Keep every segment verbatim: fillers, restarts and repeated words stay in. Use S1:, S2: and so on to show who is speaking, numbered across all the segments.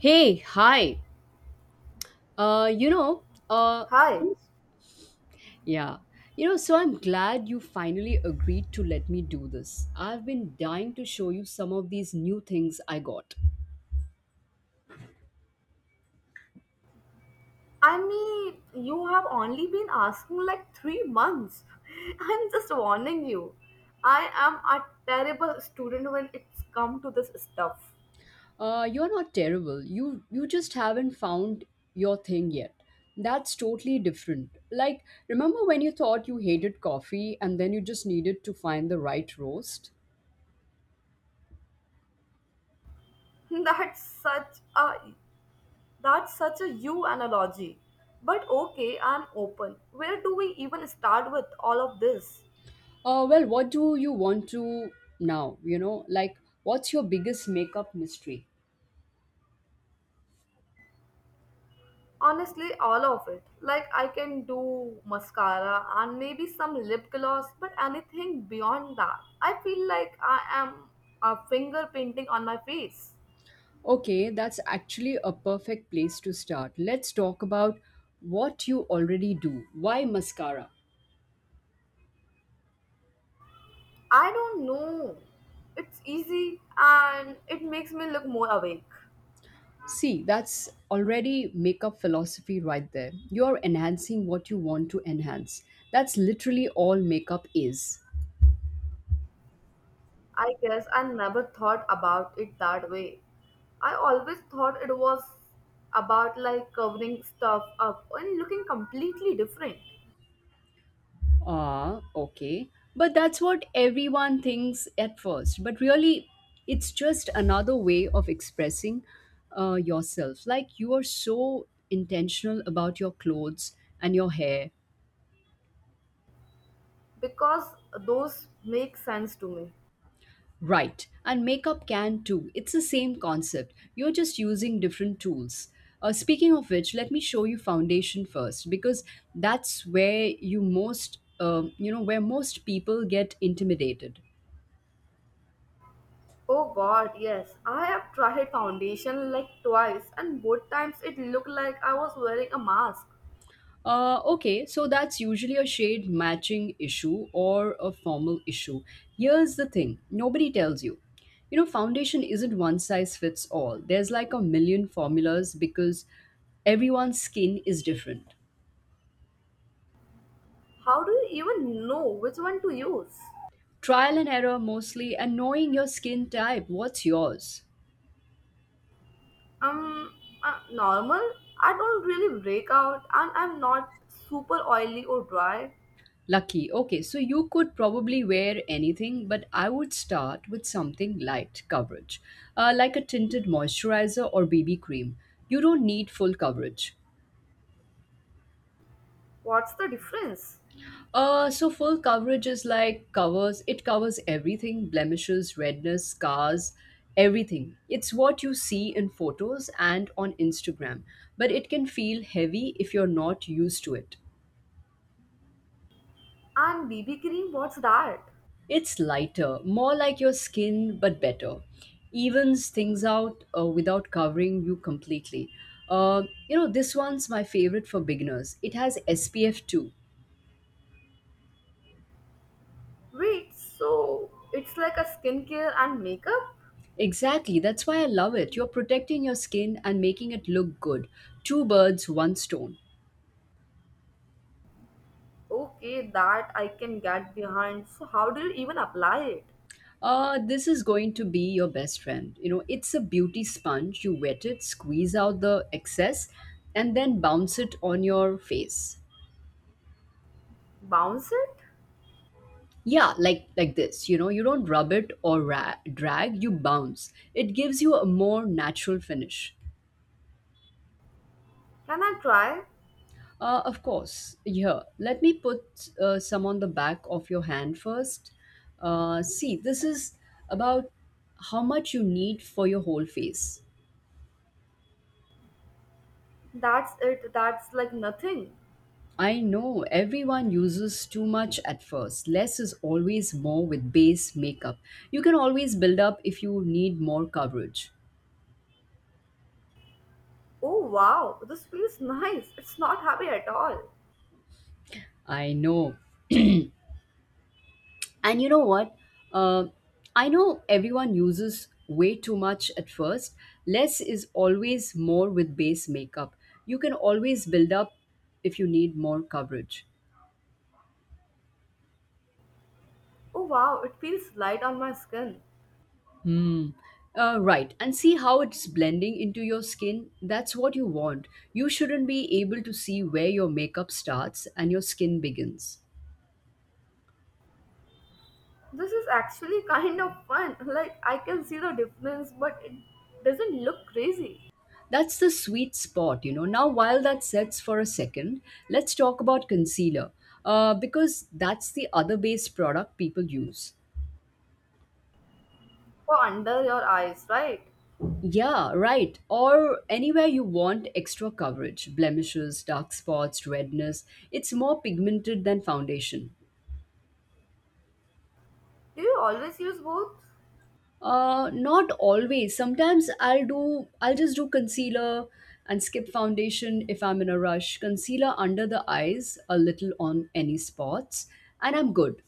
S1: Hey, hi. Uh, you know, uh,
S2: Hi.
S1: Yes. yeah, you know, so I'm glad you finally agreed to let me do this. I've been dying to show you some of these new things I got.
S2: I mean, you have only been asking like three months. I'm just warning you. I am a terrible student when it's come to this stuff.
S1: Uh, you're not terrible. You you just haven't found your thing yet. That's totally different. Like, remember when you thought you hated coffee and then you just needed to find the right roast?
S2: That's such a that's such a you analogy. But okay, I'm open. Where do we even start with all of this?
S1: Uh, well, what do you want to now? You know, like, what's your biggest makeup mystery?
S2: Honestly, all of it. Like, I can do mascara and maybe some lip gloss, but anything beyond that, I feel like I am a finger painting on my face.
S1: Okay, that's actually a perfect place to start. Let's talk about what you already do. Why mascara?
S2: I don't know. It's easy and it makes me look more awake.
S1: See, that's already makeup philosophy right there. You're enhancing what you want to enhance. That's literally all makeup is.
S2: I guess I never thought about it that way. I always thought it was about like covering stuff up and looking completely different
S1: Ah, okay. But that's what everyone thinks at first. But really, it's just another way of expressing uh, yourself. Like you are so intentional about your clothes and your hair.
S2: because those make sense to me.
S1: Right, and makeup can too. It's the same concept. You're just using different tools. Uh, speaking of which, let me show you foundation first because that's where you most, um, you know, where most people get intimidated.
S2: Oh god, yes. I have tried foundation like twice and both times it looked like I was wearing a mask.
S1: Uh, okay, so that's usually a shade matching issue or a formal issue. Here's the thing nobody tells you. You know, foundation isn't one size fits all. There's like a million formulas because everyone's skin is different.
S2: How do you even know which one to use?
S1: Trial and error mostly, and knowing your skin type. What's yours?
S2: Um, uh, Normal? I don't really break out and I'm not super oily or dry.
S1: Lucky. Okay, so you could probably wear anything, but I would start with something light coverage, uh, like a tinted moisturizer or B B cream. You don't need full coverage.
S2: What's the difference?
S1: Uh, so full coverage is like covers it covers everything, blemishes, redness, scars, everything. It's what you see in photos and on Instagram, but it can feel heavy if you're not used to it.
S2: And B B cream, what's that?
S1: It's lighter, more like your skin, but better. Evens things out uh, without covering you completely. Uh, you know, this one's my favorite for beginners. It has S P F two.
S2: Wait, so it's like a skincare and makeup?
S1: Exactly, that's why I love it. You're protecting your skin and making it look good. Two birds, one stone.
S2: Okay, that I can get behind. So how do you even apply it?
S1: Uh, this is going to be your best friend. You know, it's a beauty sponge. You wet it, squeeze out the excess, and then bounce it on your face.
S2: Bounce it?
S1: Yeah, like like this, you know, you don't rub it or ra- drag, you bounce. It gives you a more natural finish.
S2: Can I try?
S1: Uh, of course, here, let me put uh, some on the back of your hand first. Uh, see, this is about how much you need for your whole face.
S2: That's it, that's like nothing.
S1: I know everyone uses too much at first. Less is always more with base makeup. You can always build up if you need more coverage.
S2: Oh wow, this feels nice. It's not heavy at all.
S1: I know. And you know what? Uh, I know everyone uses way too much at first. Less is always more with base makeup. You can always build up if you need more coverage.
S2: Oh wow, it feels light on my skin.
S1: Hmm. Uh, right. And see how it's blending into your skin? That's what you want. You shouldn't be able to see where your makeup starts and your skin begins.
S2: This is actually kind of fun. Like I can see the difference, but it doesn't look crazy.
S1: That's the sweet spot, you know. Now, while that sets for a second, let's talk about concealer uh, because that's the other base product people use.
S2: Or under your eyes, right?
S1: Yeah, right. Or anywhere you want extra coverage, blemishes, dark spots, redness. It's more pigmented than foundation.
S2: Do you always use both?
S1: Uh, not always. Sometimes I'll do, I'll just do concealer and skip foundation if I'm in a rush. Concealer under the eyes, a little on any spots, and I'm good.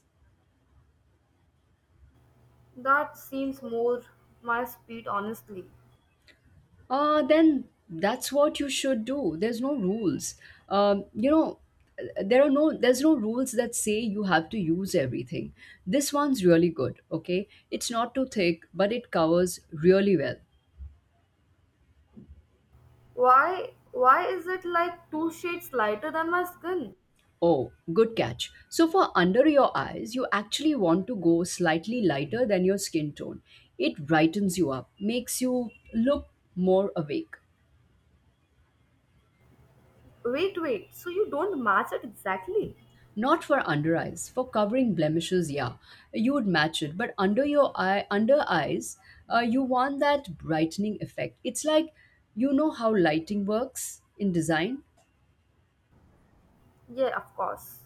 S2: That seems more my speed honestly.
S1: Uh, then that's what you should do. There's no rules. Um, you know, there are no there's no rules that say you have to use everything. This one's really good. Okay, it's not too thick, but it covers really well.
S2: Why why is it like two shades lighter than my skin?
S1: Oh, good catch. So for under your eyes, you actually want to go slightly lighter than your skin tone. It brightens you up, makes you look more awake.
S2: Wait, wait. So you don't match it exactly?
S1: Not for under eyes. For covering blemishes, yeah, you would match it. But under your eye, under eyes, uh, you want that brightening effect. It's like you know how lighting works in design.
S2: Yeah, of course.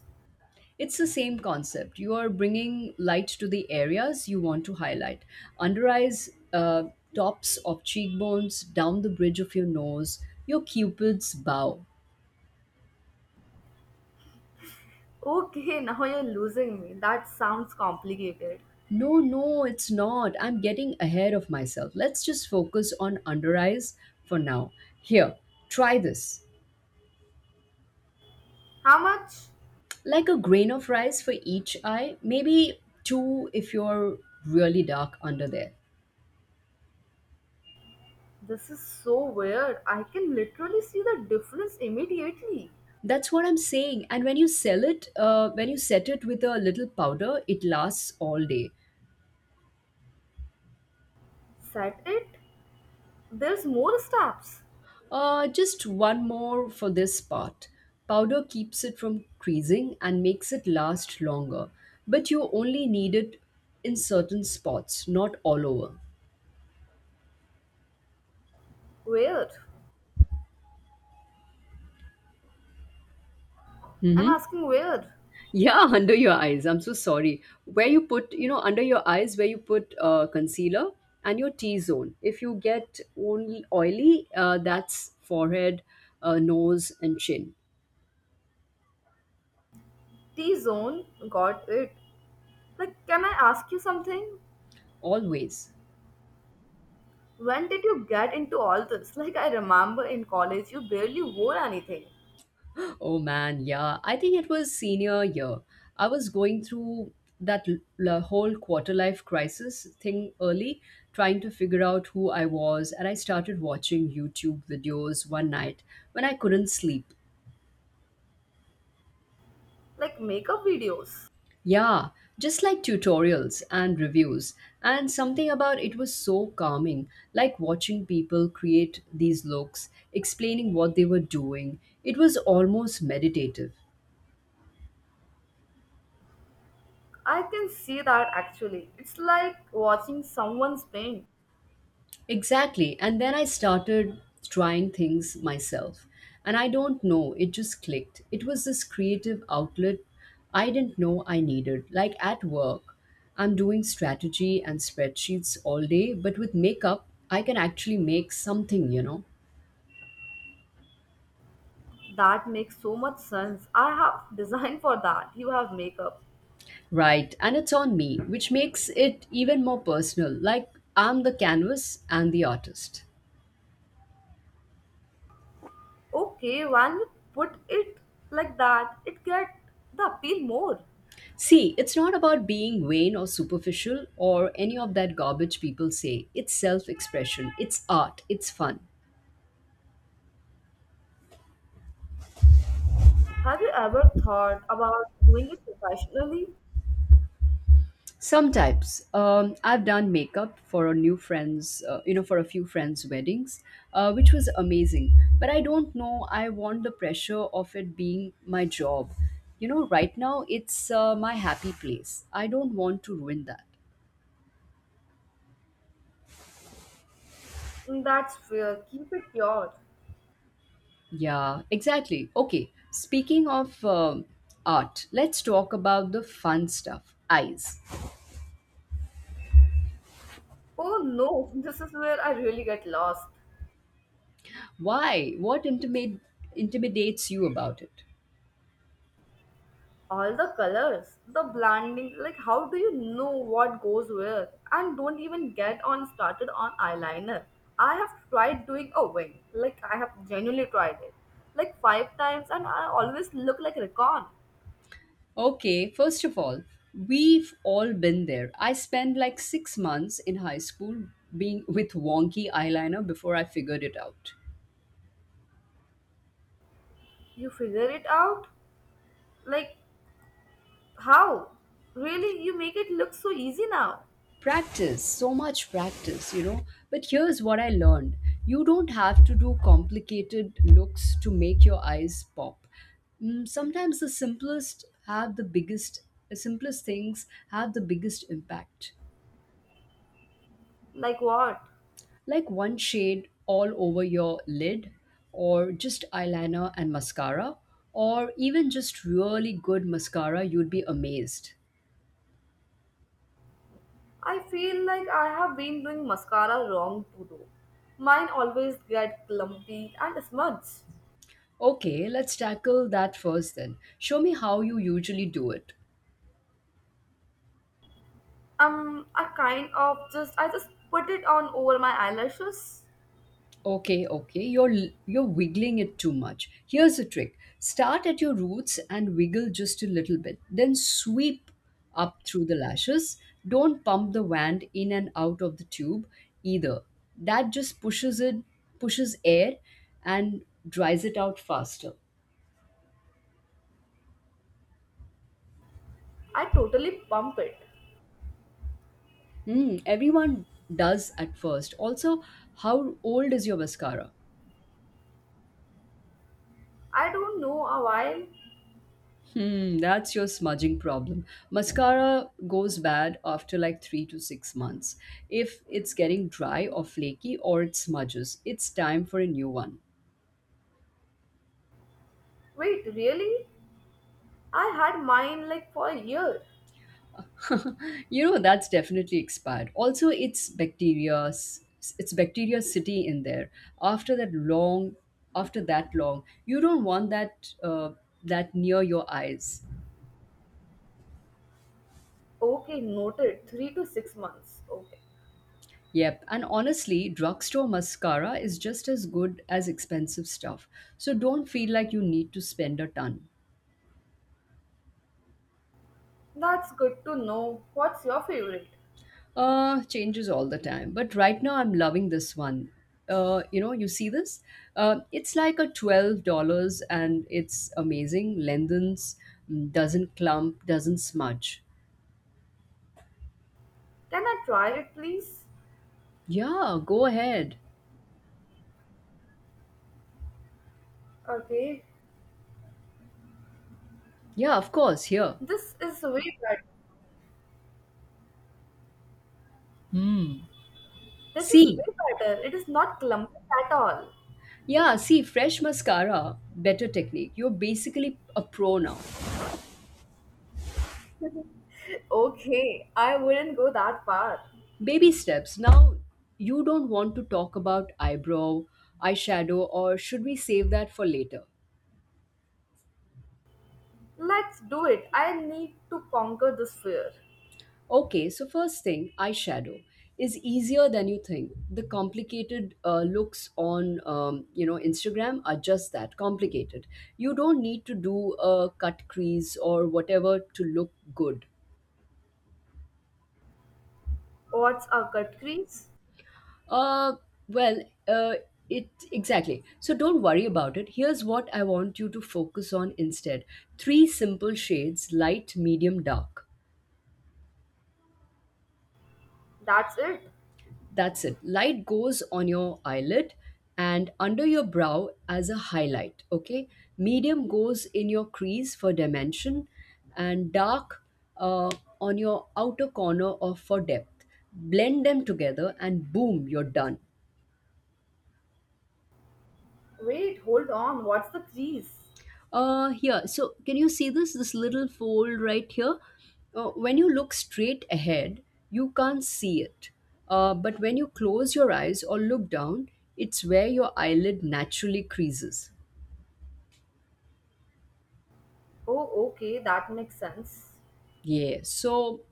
S1: It's the same concept. You are bringing light to the areas you want to highlight. Under eyes, uh, tops of cheekbones, down the bridge of your nose, your cupid's bow.
S2: Okay, now you're losing me. That sounds complicated.
S1: No, no, it's not. I'm getting ahead of myself. Let's just focus on under eyes for now. Here, try this.
S2: How much?
S1: Like a grain of rice for each eye, maybe two if you're really dark under there.
S2: This is so weird. I can literally see the difference immediately.
S1: That's what I'm saying. And when you sell it, uh, when you set it with a little powder, it lasts all day.
S2: Set it? There's more steps.
S1: Uh, just one more for this part. Powder keeps it from creasing and makes it last longer, but you only need it in certain spots, not all over.
S2: Where? I'm
S1: Mm-hmm.
S2: asking where?
S1: Yeah, under your eyes. I'm so sorry. Where you put, you know, under your eyes, where you put uh, concealer and your T zone. If you get only oily, uh, that's forehead, uh, nose, and chin.
S2: T zone? Got it. Like, can I ask you something?
S1: Always.
S2: When did you get into all this? Like, I remember in college you barely wore anything.
S1: Oh man, yeah. I think it was senior year. I was going through that l- l- whole quarter life crisis thing early, trying to figure out who I was, and I started watching YouTube videos one night when I couldn't sleep.
S2: Like, makeup videos.
S1: Yeah, just like tutorials and reviews. And something about it was so calming, like watching people create these looks, explaining what they were doing. It was almost meditative.
S2: I can see that actually. It's like watching someone's paint.
S1: Exactly. And then I started trying things myself. And I don't know, it just clicked. It was this creative outlet I didn't know I needed. Like at work, I'm doing strategy and spreadsheets all day, but with makeup, I can actually make something, you know?
S2: That makes so much sense. I have designed for that. You have makeup.
S1: Right. And it's on me, which makes it even more personal. Like I'm the canvas and the artist.
S2: Okay, when you put it like that, it get the appeal more.
S1: See, it's not about being vain or superficial or any of that garbage people say. It's self expression, it's art, it's fun.
S2: Have you ever thought about doing it professionally?
S1: Sometimes um, I've done makeup for a new friend's, uh, you know, for a few friends' weddings, uh, which was amazing. But I don't know, I want the pressure of it being my job. You know, right now it's uh, my happy place. I don't want to ruin that.
S2: Mm, that's fair. Keep it pure.
S1: Yeah, exactly. Okay, speaking of um, art, let's talk about the fun stuff. Eyes.
S2: Oh no, this is where I really get lost.
S1: Why? What intimate, intimidates you about it?
S2: All the colors, the blending, like how do you know what goes where? And don't even get on started on eyeliner. I have tried doing a wing, like I have genuinely tried it, like five times, and I always look like Recon.
S1: Okay, first of all, we've all been there. I spent like six months in high school being with wonky eyeliner before I figured it out.
S2: You figure it out, like how? Really, you make it look so easy now.
S1: Practice, so much practice, you know. But here's what I learned. You don't have to do complicated looks to make your eyes pop. Mm, sometimes the simplest have the biggest the simplest things have the biggest impact,
S2: Like what?
S1: like one shade all over your lid, or just eyeliner and mascara, or even just really good mascara. You'd be amazed.
S2: I feel like I have been doing mascara wrong to do. Mine always get clumpy and smudge.
S1: Okay, let's tackle that first. Then show me how you usually do it.
S2: Um, I kind of just I just put it on over my eyelashes.
S1: Okay, okay. You're you're wiggling it too much. Here's a trick. Start at your roots and wiggle just a little bit. Then sweep up through the lashes. Don't pump the wand in and out of the tube either. That just pushes it pushes air and dries it out faster.
S2: I totally pump it.
S1: Hmm, everyone does at first. Also, how old is your mascara?
S2: I don't know, a while.
S1: Hmm, that's your smudging problem. Mascara goes bad after like three to six months. If it's getting dry or flaky or it smudges, it's time for a new one.
S2: Wait, really? I had mine like for a year.
S1: You know, that's definitely expired. Also, it's bacteria, it's bacteria city in there. After that long, After that long, you don't want that uh, that near your eyes.
S2: Okay, noted. Three to six months. Okay,
S1: Yep, and honestly, drugstore mascara is just as good as expensive stuff, so don't feel like you need to spend a ton.
S2: that's good to know. What's your favorite?
S1: Uh, changes all the time, but right now I'm loving this one. Uh, you know, you see this? Uh, it's like a twelve dollars and it's amazing. Lengthens, mm, doesn't clump, doesn't smudge.
S2: Can I try it, please?
S1: Yeah, go ahead.
S2: Okay,
S1: Yeah, of course, here.
S2: this is way better. This is
S1: See,
S2: way better. It is not clumpy at all.
S1: yeah, see, fresh mascara, better technique. You're basically a pro now.
S2: Okay, I wouldn't go that far.
S1: Baby steps. Now, you don't want to talk about eyebrow, eyeshadow, or should we save that for later?
S2: Let's do it. I need to conquer this fear.
S1: Okay, so first thing, eyeshadow is easier than you think. The complicated uh, looks on um, you know Instagram are just that complicated. You don't need to do a cut crease or whatever to look good.
S2: What's a cut crease?
S1: Uh, well, uh, it exactly. So don't worry about it. Here's what I want you to focus on instead. Three simple shades: light, medium, dark.
S2: That's it.
S1: That's it. Light goes on your eyelid and under your brow as a highlight, okay? Medium goes in your crease for dimension, and dark uh, on your outer corner of for depth. Blend them together and boom, you're done.
S2: Wait, hold on. What's the crease?
S1: Uh, here. So, can you see this? This little fold right here? Uh, when you look straight ahead, you can't see it. Uh, but when you close your eyes or look down, it's where your eyelid naturally creases.
S2: Oh, okay, that makes sense.
S1: Yeah. So,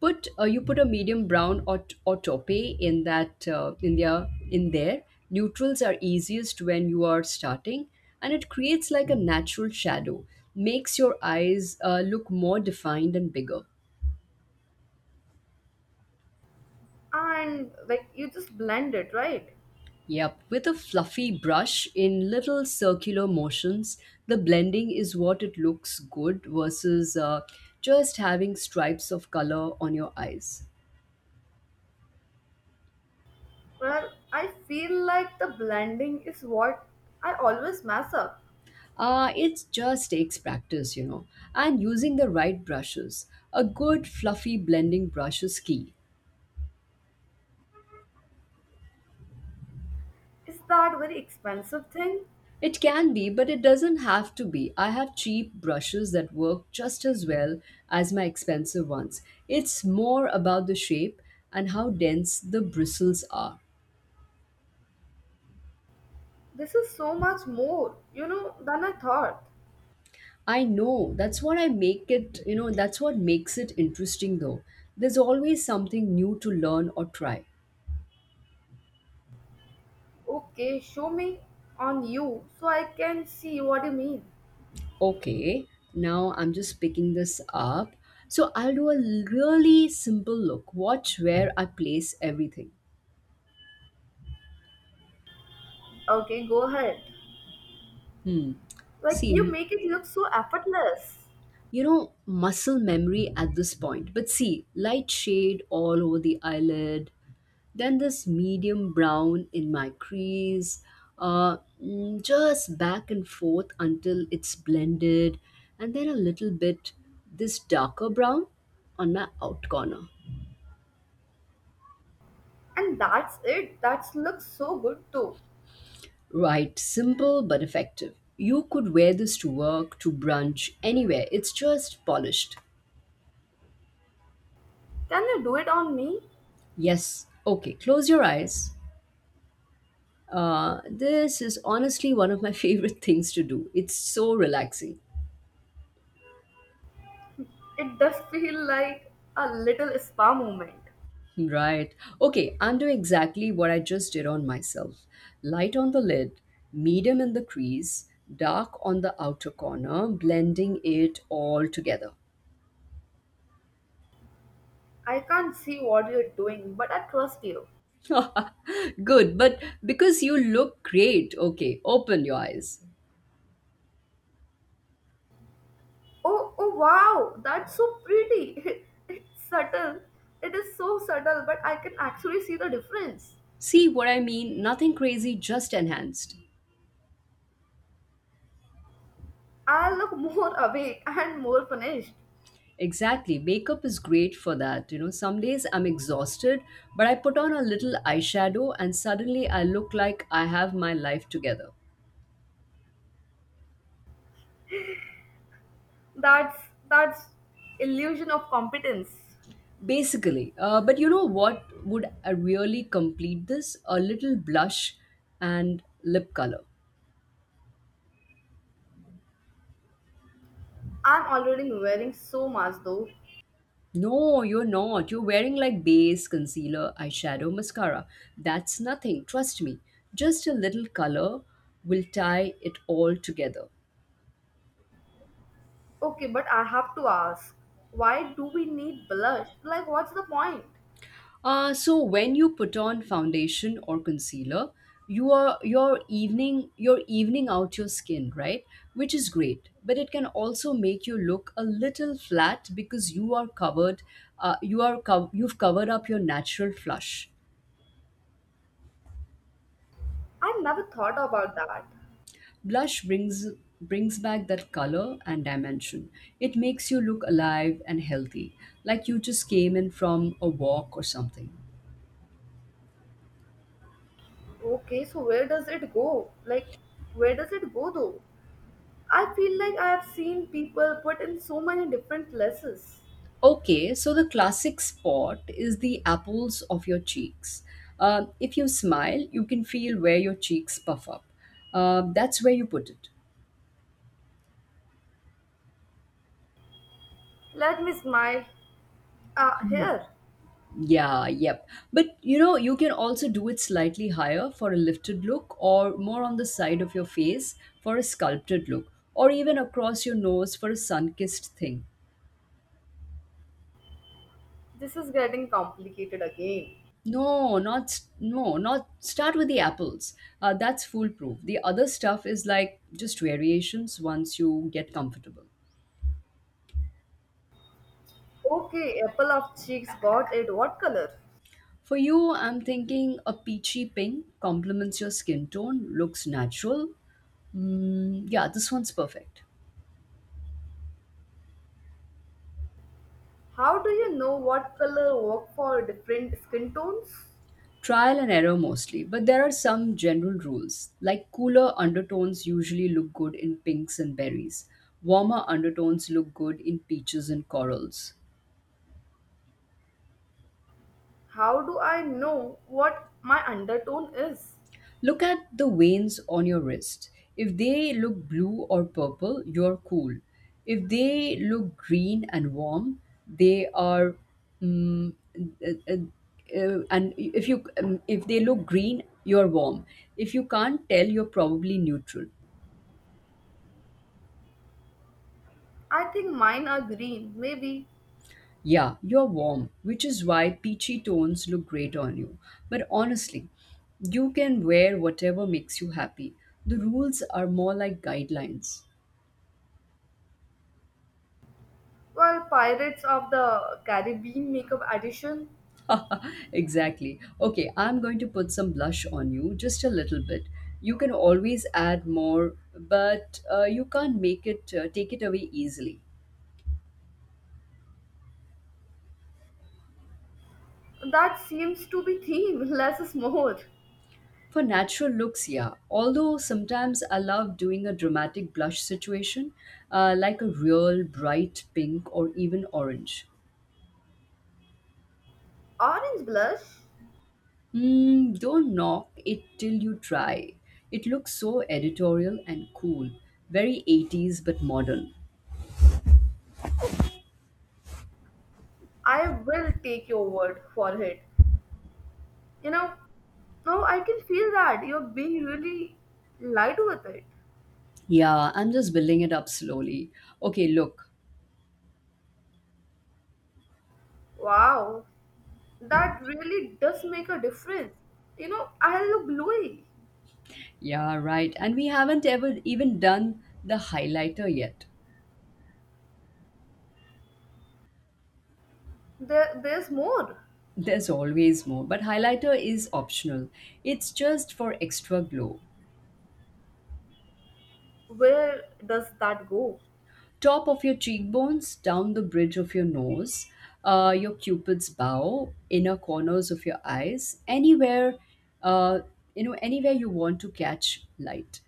S1: put uh, you put a medium brown or, t- or taupe in that uh, in there in there. Neutrals are easiest when you are starting, and it creates like a natural shadow, makes your eyes uh, look more defined and bigger.
S2: And like you just blend it, right?
S1: Yep, with a fluffy brush in little circular motions, the blending is what it looks good versus uh, just having stripes of color on your eyes.
S2: Well, I feel like the blending is what I always mess up.
S1: Uh, it just takes practice, you know, and using the right brushes. A good fluffy blending brush is key.
S2: Is that very expensive thing?
S1: It can be, but it doesn't have to be. I have cheap brushes that work just as well as my expensive ones. It's more about the shape and how dense the bristles are.
S2: This is so much more, you know, than I thought.
S1: I know. That's what I make it, you know, that's what makes it interesting though. There's always something new to learn or try.
S2: Okay, show me on you so I can see what you mean.
S1: Okay, now I'm just picking this up. So I'll do a really simple look. Watch where I place everything.
S2: Okay, go ahead.
S1: Hmm.
S2: Like you
S1: See,
S2: make it look so effortless.
S1: you know, muscle memory at this point. But see, light shade all over the eyelid, then this medium brown in my crease, uh, mm, just back and forth until it's blended, and then a little bit this darker brown on my out corner.
S2: And that's it. That looks so good too.
S1: Right, simple but effective. You could wear this to work, to brunch, anywhere. It's just polished.
S2: Can you do it on me?
S1: Yes. Okay, close your eyes. Uh, this is honestly one of my favorite things to do. It's so relaxing.
S2: It does feel like a little spa moment.
S1: Right. Okay, I'm doing exactly what I just did on myself. Light on the lid, medium in the crease, dark on the outer corner, blending it all together.
S2: I can't see what you're doing, but I trust you.
S1: Good, but because you look great, okay, open your eyes.
S2: Oh, oh wow, that's so pretty. It's subtle. It is so subtle, but I can actually see the difference.
S1: See what I mean? Nothing crazy, just enhanced.
S2: I look more awake and more finished.
S1: Exactly. Makeup is great for that. You know, some days I'm exhausted, but I put on a little eyeshadow and suddenly I look like I have my life together.
S2: That's that's illusion of competence.
S1: Basically. Uh, but you know what would uh, really complete this? A little blush and lip color.
S2: I'm already wearing so much though.
S1: No, you're not. You're wearing like base, concealer, eyeshadow, mascara. That's nothing. Trust me. Just a little color will tie it all together.
S2: Okay, but I have to ask, why do we need blush? Like, what's the point?
S1: Uh, so when you put on foundation or concealer, you are you're evening you're evening out your skin, right? Which is great, but it can also make you look a little flat because you are covered. Uh, you are cov- you've covered up your natural flush.
S2: I never thought about that.
S1: Blush brings brings back that color and dimension. It makes you look alive and healthy, like you just came in from a walk or something.
S2: Okay, so where does it go? Like, where does it go though? I feel like I have seen people put in so many different lenses.
S1: Okay, so the classic spot is the apples of your cheeks. Uh, if you smile, you can feel where your cheeks puff up. Uh, that's where you put it.
S2: Let me smile. Ah, here.
S1: Yeah, yep. But you know, you can also do it slightly higher for a lifted look, or more on the side of your face for a sculpted look, or even across your nose for a sun kissed thing.
S2: This is getting complicated again.
S1: No, not s-, no, not start with the apples. Uh, that's foolproof. The other stuff is like just variations once you get comfortable.
S2: Okay, apple of cheeks got it. What color?
S1: For you, I'm thinking a peachy pink complements your skin tone, looks natural. Mm, yeah, this one's perfect.
S2: How do you know what color work for different skin tones?
S1: Trial and error mostly, but there are some general rules. Like cooler undertones usually look good in pinks and berries, warmer undertones look good in peaches and corals.
S2: How do I know what my undertone is?
S1: Look at the veins on your wrist. If they look blue or purple, you're cool. If they look green and warm, they are. mm, uh, uh, uh, and if you um, if they look green, you're warm. If you can't tell, you're probably neutral.
S2: I think mine are green, maybe.
S1: Yeah, you're warm, which is why peachy tones look great on you. But honestly, you can wear whatever makes you happy. The rules are more like guidelines.
S2: Well, Pirates of the Caribbean makeup edition.
S1: Exactly. Okay, I'm going to put some blush on you, just a little bit. You can always add more, but uh, you can't make it uh, take it away easily.
S2: That seems to be theme, less is more.
S1: For natural looks, yeah. Although sometimes I love doing a dramatic blush situation, uh, like a real bright pink or even orange.
S2: Orange blush?
S1: Hmm, don't knock it till you try. It looks so editorial and cool, very eighties but modern.
S2: I will take your word for it. You know, now I can feel that you're being really light with it.
S1: Yeah, I'm just building it up slowly. Okay, look.
S2: Wow, that really does make a difference. You know, I look bluey.
S1: Yeah, right. And we haven't ever even done the highlighter yet.
S2: There, there's more.
S1: There's always more, but highlighter is optional. It's just for extra glow.
S2: Where does that go?
S1: Top of your cheekbones, down the bridge of your nose, uh, your cupid's bow, inner corners of your eyes, anywhere, uh, you know, anywhere you want to catch light.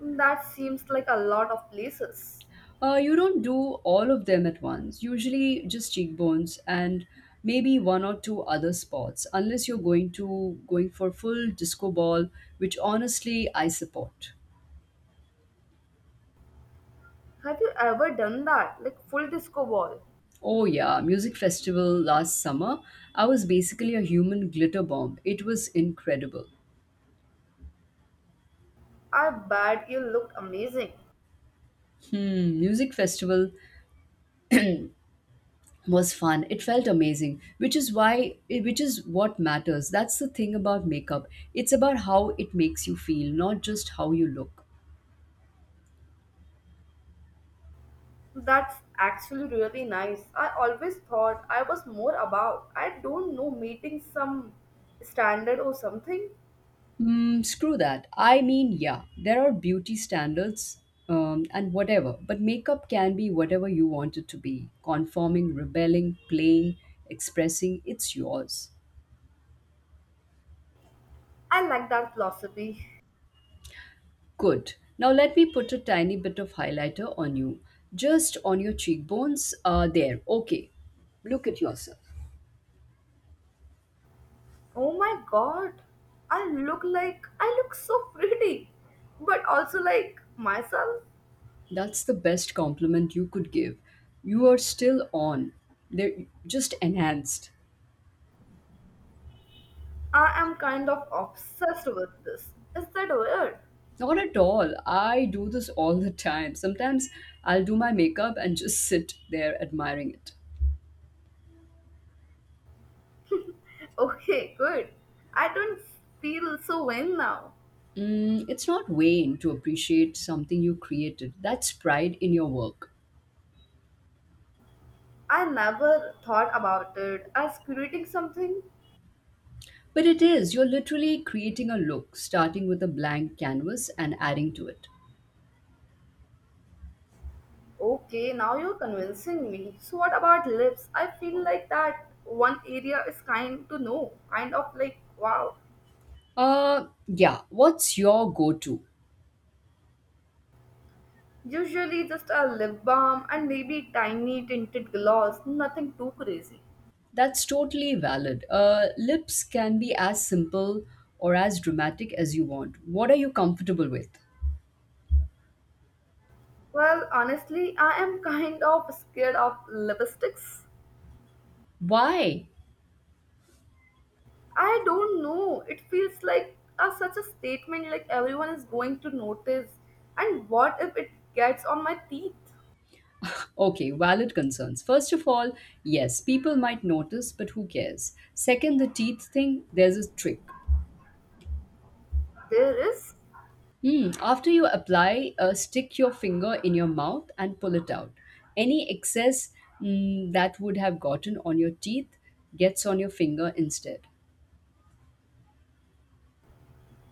S2: That seems like a lot of places.
S1: Uh, you don't do all of them at once, usually just cheekbones and maybe one or two other spots, unless you're going to going for full disco ball, which honestly I support.
S2: Have you ever done that? Like full disco ball?
S1: Oh yeah, music festival last summer, I was basically a human glitter bomb. It was incredible.
S2: I bet you looked amazing.
S1: Hmm, music festival was fun. It felt amazing, which is why which is what matters. That's the thing about makeup. It's about how it makes you feel, not just how you look.
S2: That's actually really nice. I always thought I was more about, I don't know, meeting some standard or something.
S1: Mm, screw that. I mean, yeah, there are beauty standards um, and whatever, but makeup can be whatever you want it to be conforming, rebelling, playing, expressing. It's yours.
S2: I like that philosophy.
S1: Good. Now let me put a tiny bit of highlighter on you. Just on your cheekbones. Uh, there. Okay. Look at yourself.
S2: Oh my god. I look like I look so pretty, but also like myself.
S1: That's the best compliment you could give. You are still on. They're just enhanced.
S2: I am kind of obsessed with this. Is that weird?
S1: Not at all. I do this all the time. Sometimes I'll do my makeup and just sit there admiring it.
S2: Okay, good. I don't feel so vain now.
S1: Mm, it's not vain to appreciate something you created. That's pride in your work.
S2: I never thought about it as creating something.
S1: But it is. You're literally creating a look, starting with a blank canvas and adding to it.
S2: Okay, now you're convincing me. So what about lips? I feel like that one area is kind to know. Kind of like wow.
S1: Uh, yeah. What's your go to?
S2: Usually just a lip balm and maybe tiny tinted gloss, nothing too crazy.
S1: That's totally valid. Uh, lips can be as simple or as dramatic as you want. What are you comfortable with?
S2: Well, honestly, I am kind of scared of lipsticks.
S1: Why?
S2: I don't know. It feels like a, such a statement, like everyone is going to notice. And what if it gets on my teeth?
S1: Okay, valid concerns. First of all, yes, people might notice, but who cares? Second, the teeth thing, there's a trick.
S2: There is.
S1: Hmm, after you apply, uh, stick your finger in your mouth and pull it out. Any excess mm, that would have gotten on your teeth gets on your finger instead.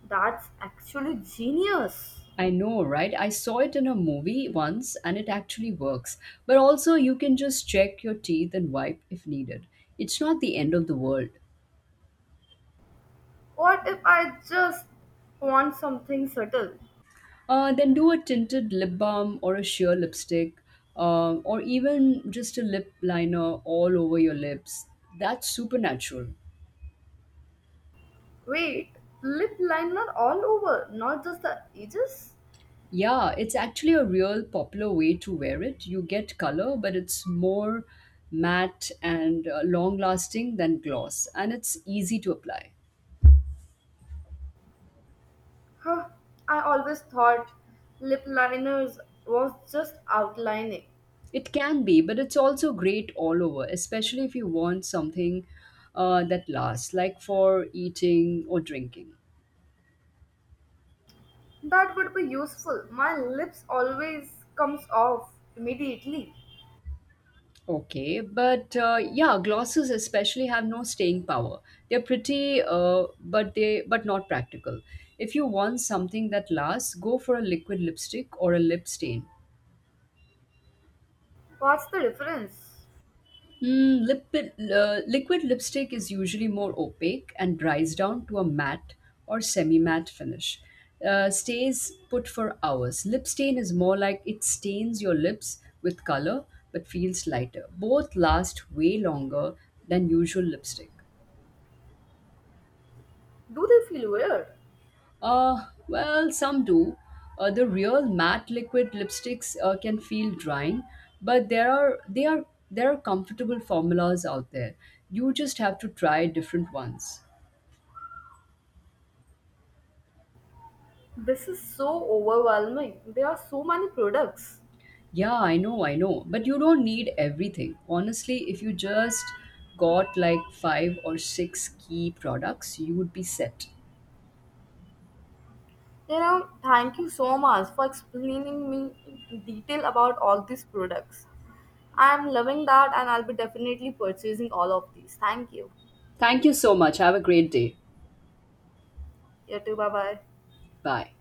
S2: That's actually genius.
S1: I know, right? I saw it in a movie once and it actually works. But also, you can just check your teeth and wipe if needed. It's not the end of the world.
S2: What if I just want something subtle?
S1: Uh, then do a tinted lip balm or a sheer lipstick, um, or even just a lip liner all over your lips. That's supernatural.
S2: Wait, lip liner all over, not just the edges?
S1: Yeah, it's actually a real popular way to wear it. You get color, but it's more matte and uh, long lasting than gloss, and it's easy to apply.
S2: Huh, I always thought lip liners was just outlining.
S1: It can be, but it's also great all over, especially if you want something uh, that lasts, like for eating or drinking.
S2: That would be useful. My lips always comes off immediately.
S1: Okay, but uh, yeah, glosses especially have no staying power. They're pretty, uh, but they but not practical. If you want something that lasts, go for a liquid lipstick or a lip stain.
S2: What's the difference?
S1: Mm, lip, uh, liquid lipstick is usually more opaque and dries down to a matte or semi-matte finish. Uh, stays put for hours. Lip stain is more like it stains your lips with color but feels lighter. Both last way longer than usual lipstick.
S2: Do they feel weird?
S1: Uh, well, some do. Uh, the real matte liquid lipsticks uh, can feel drying, but there are they are there are comfortable formulas out there. You just have to try different ones.
S2: This is so overwhelming. There are so many products.
S1: Yeah, I know, I know, but you don't need everything. Honestly, if you just got like five or six key products, you would be set.
S2: You know, thank you so much for explaining me in detail about all these products. I'm loving that and I'll be definitely purchasing all of these. Thank you.
S1: Thank you so much. Have a great day.
S2: You too. Bye bye.
S1: Bye.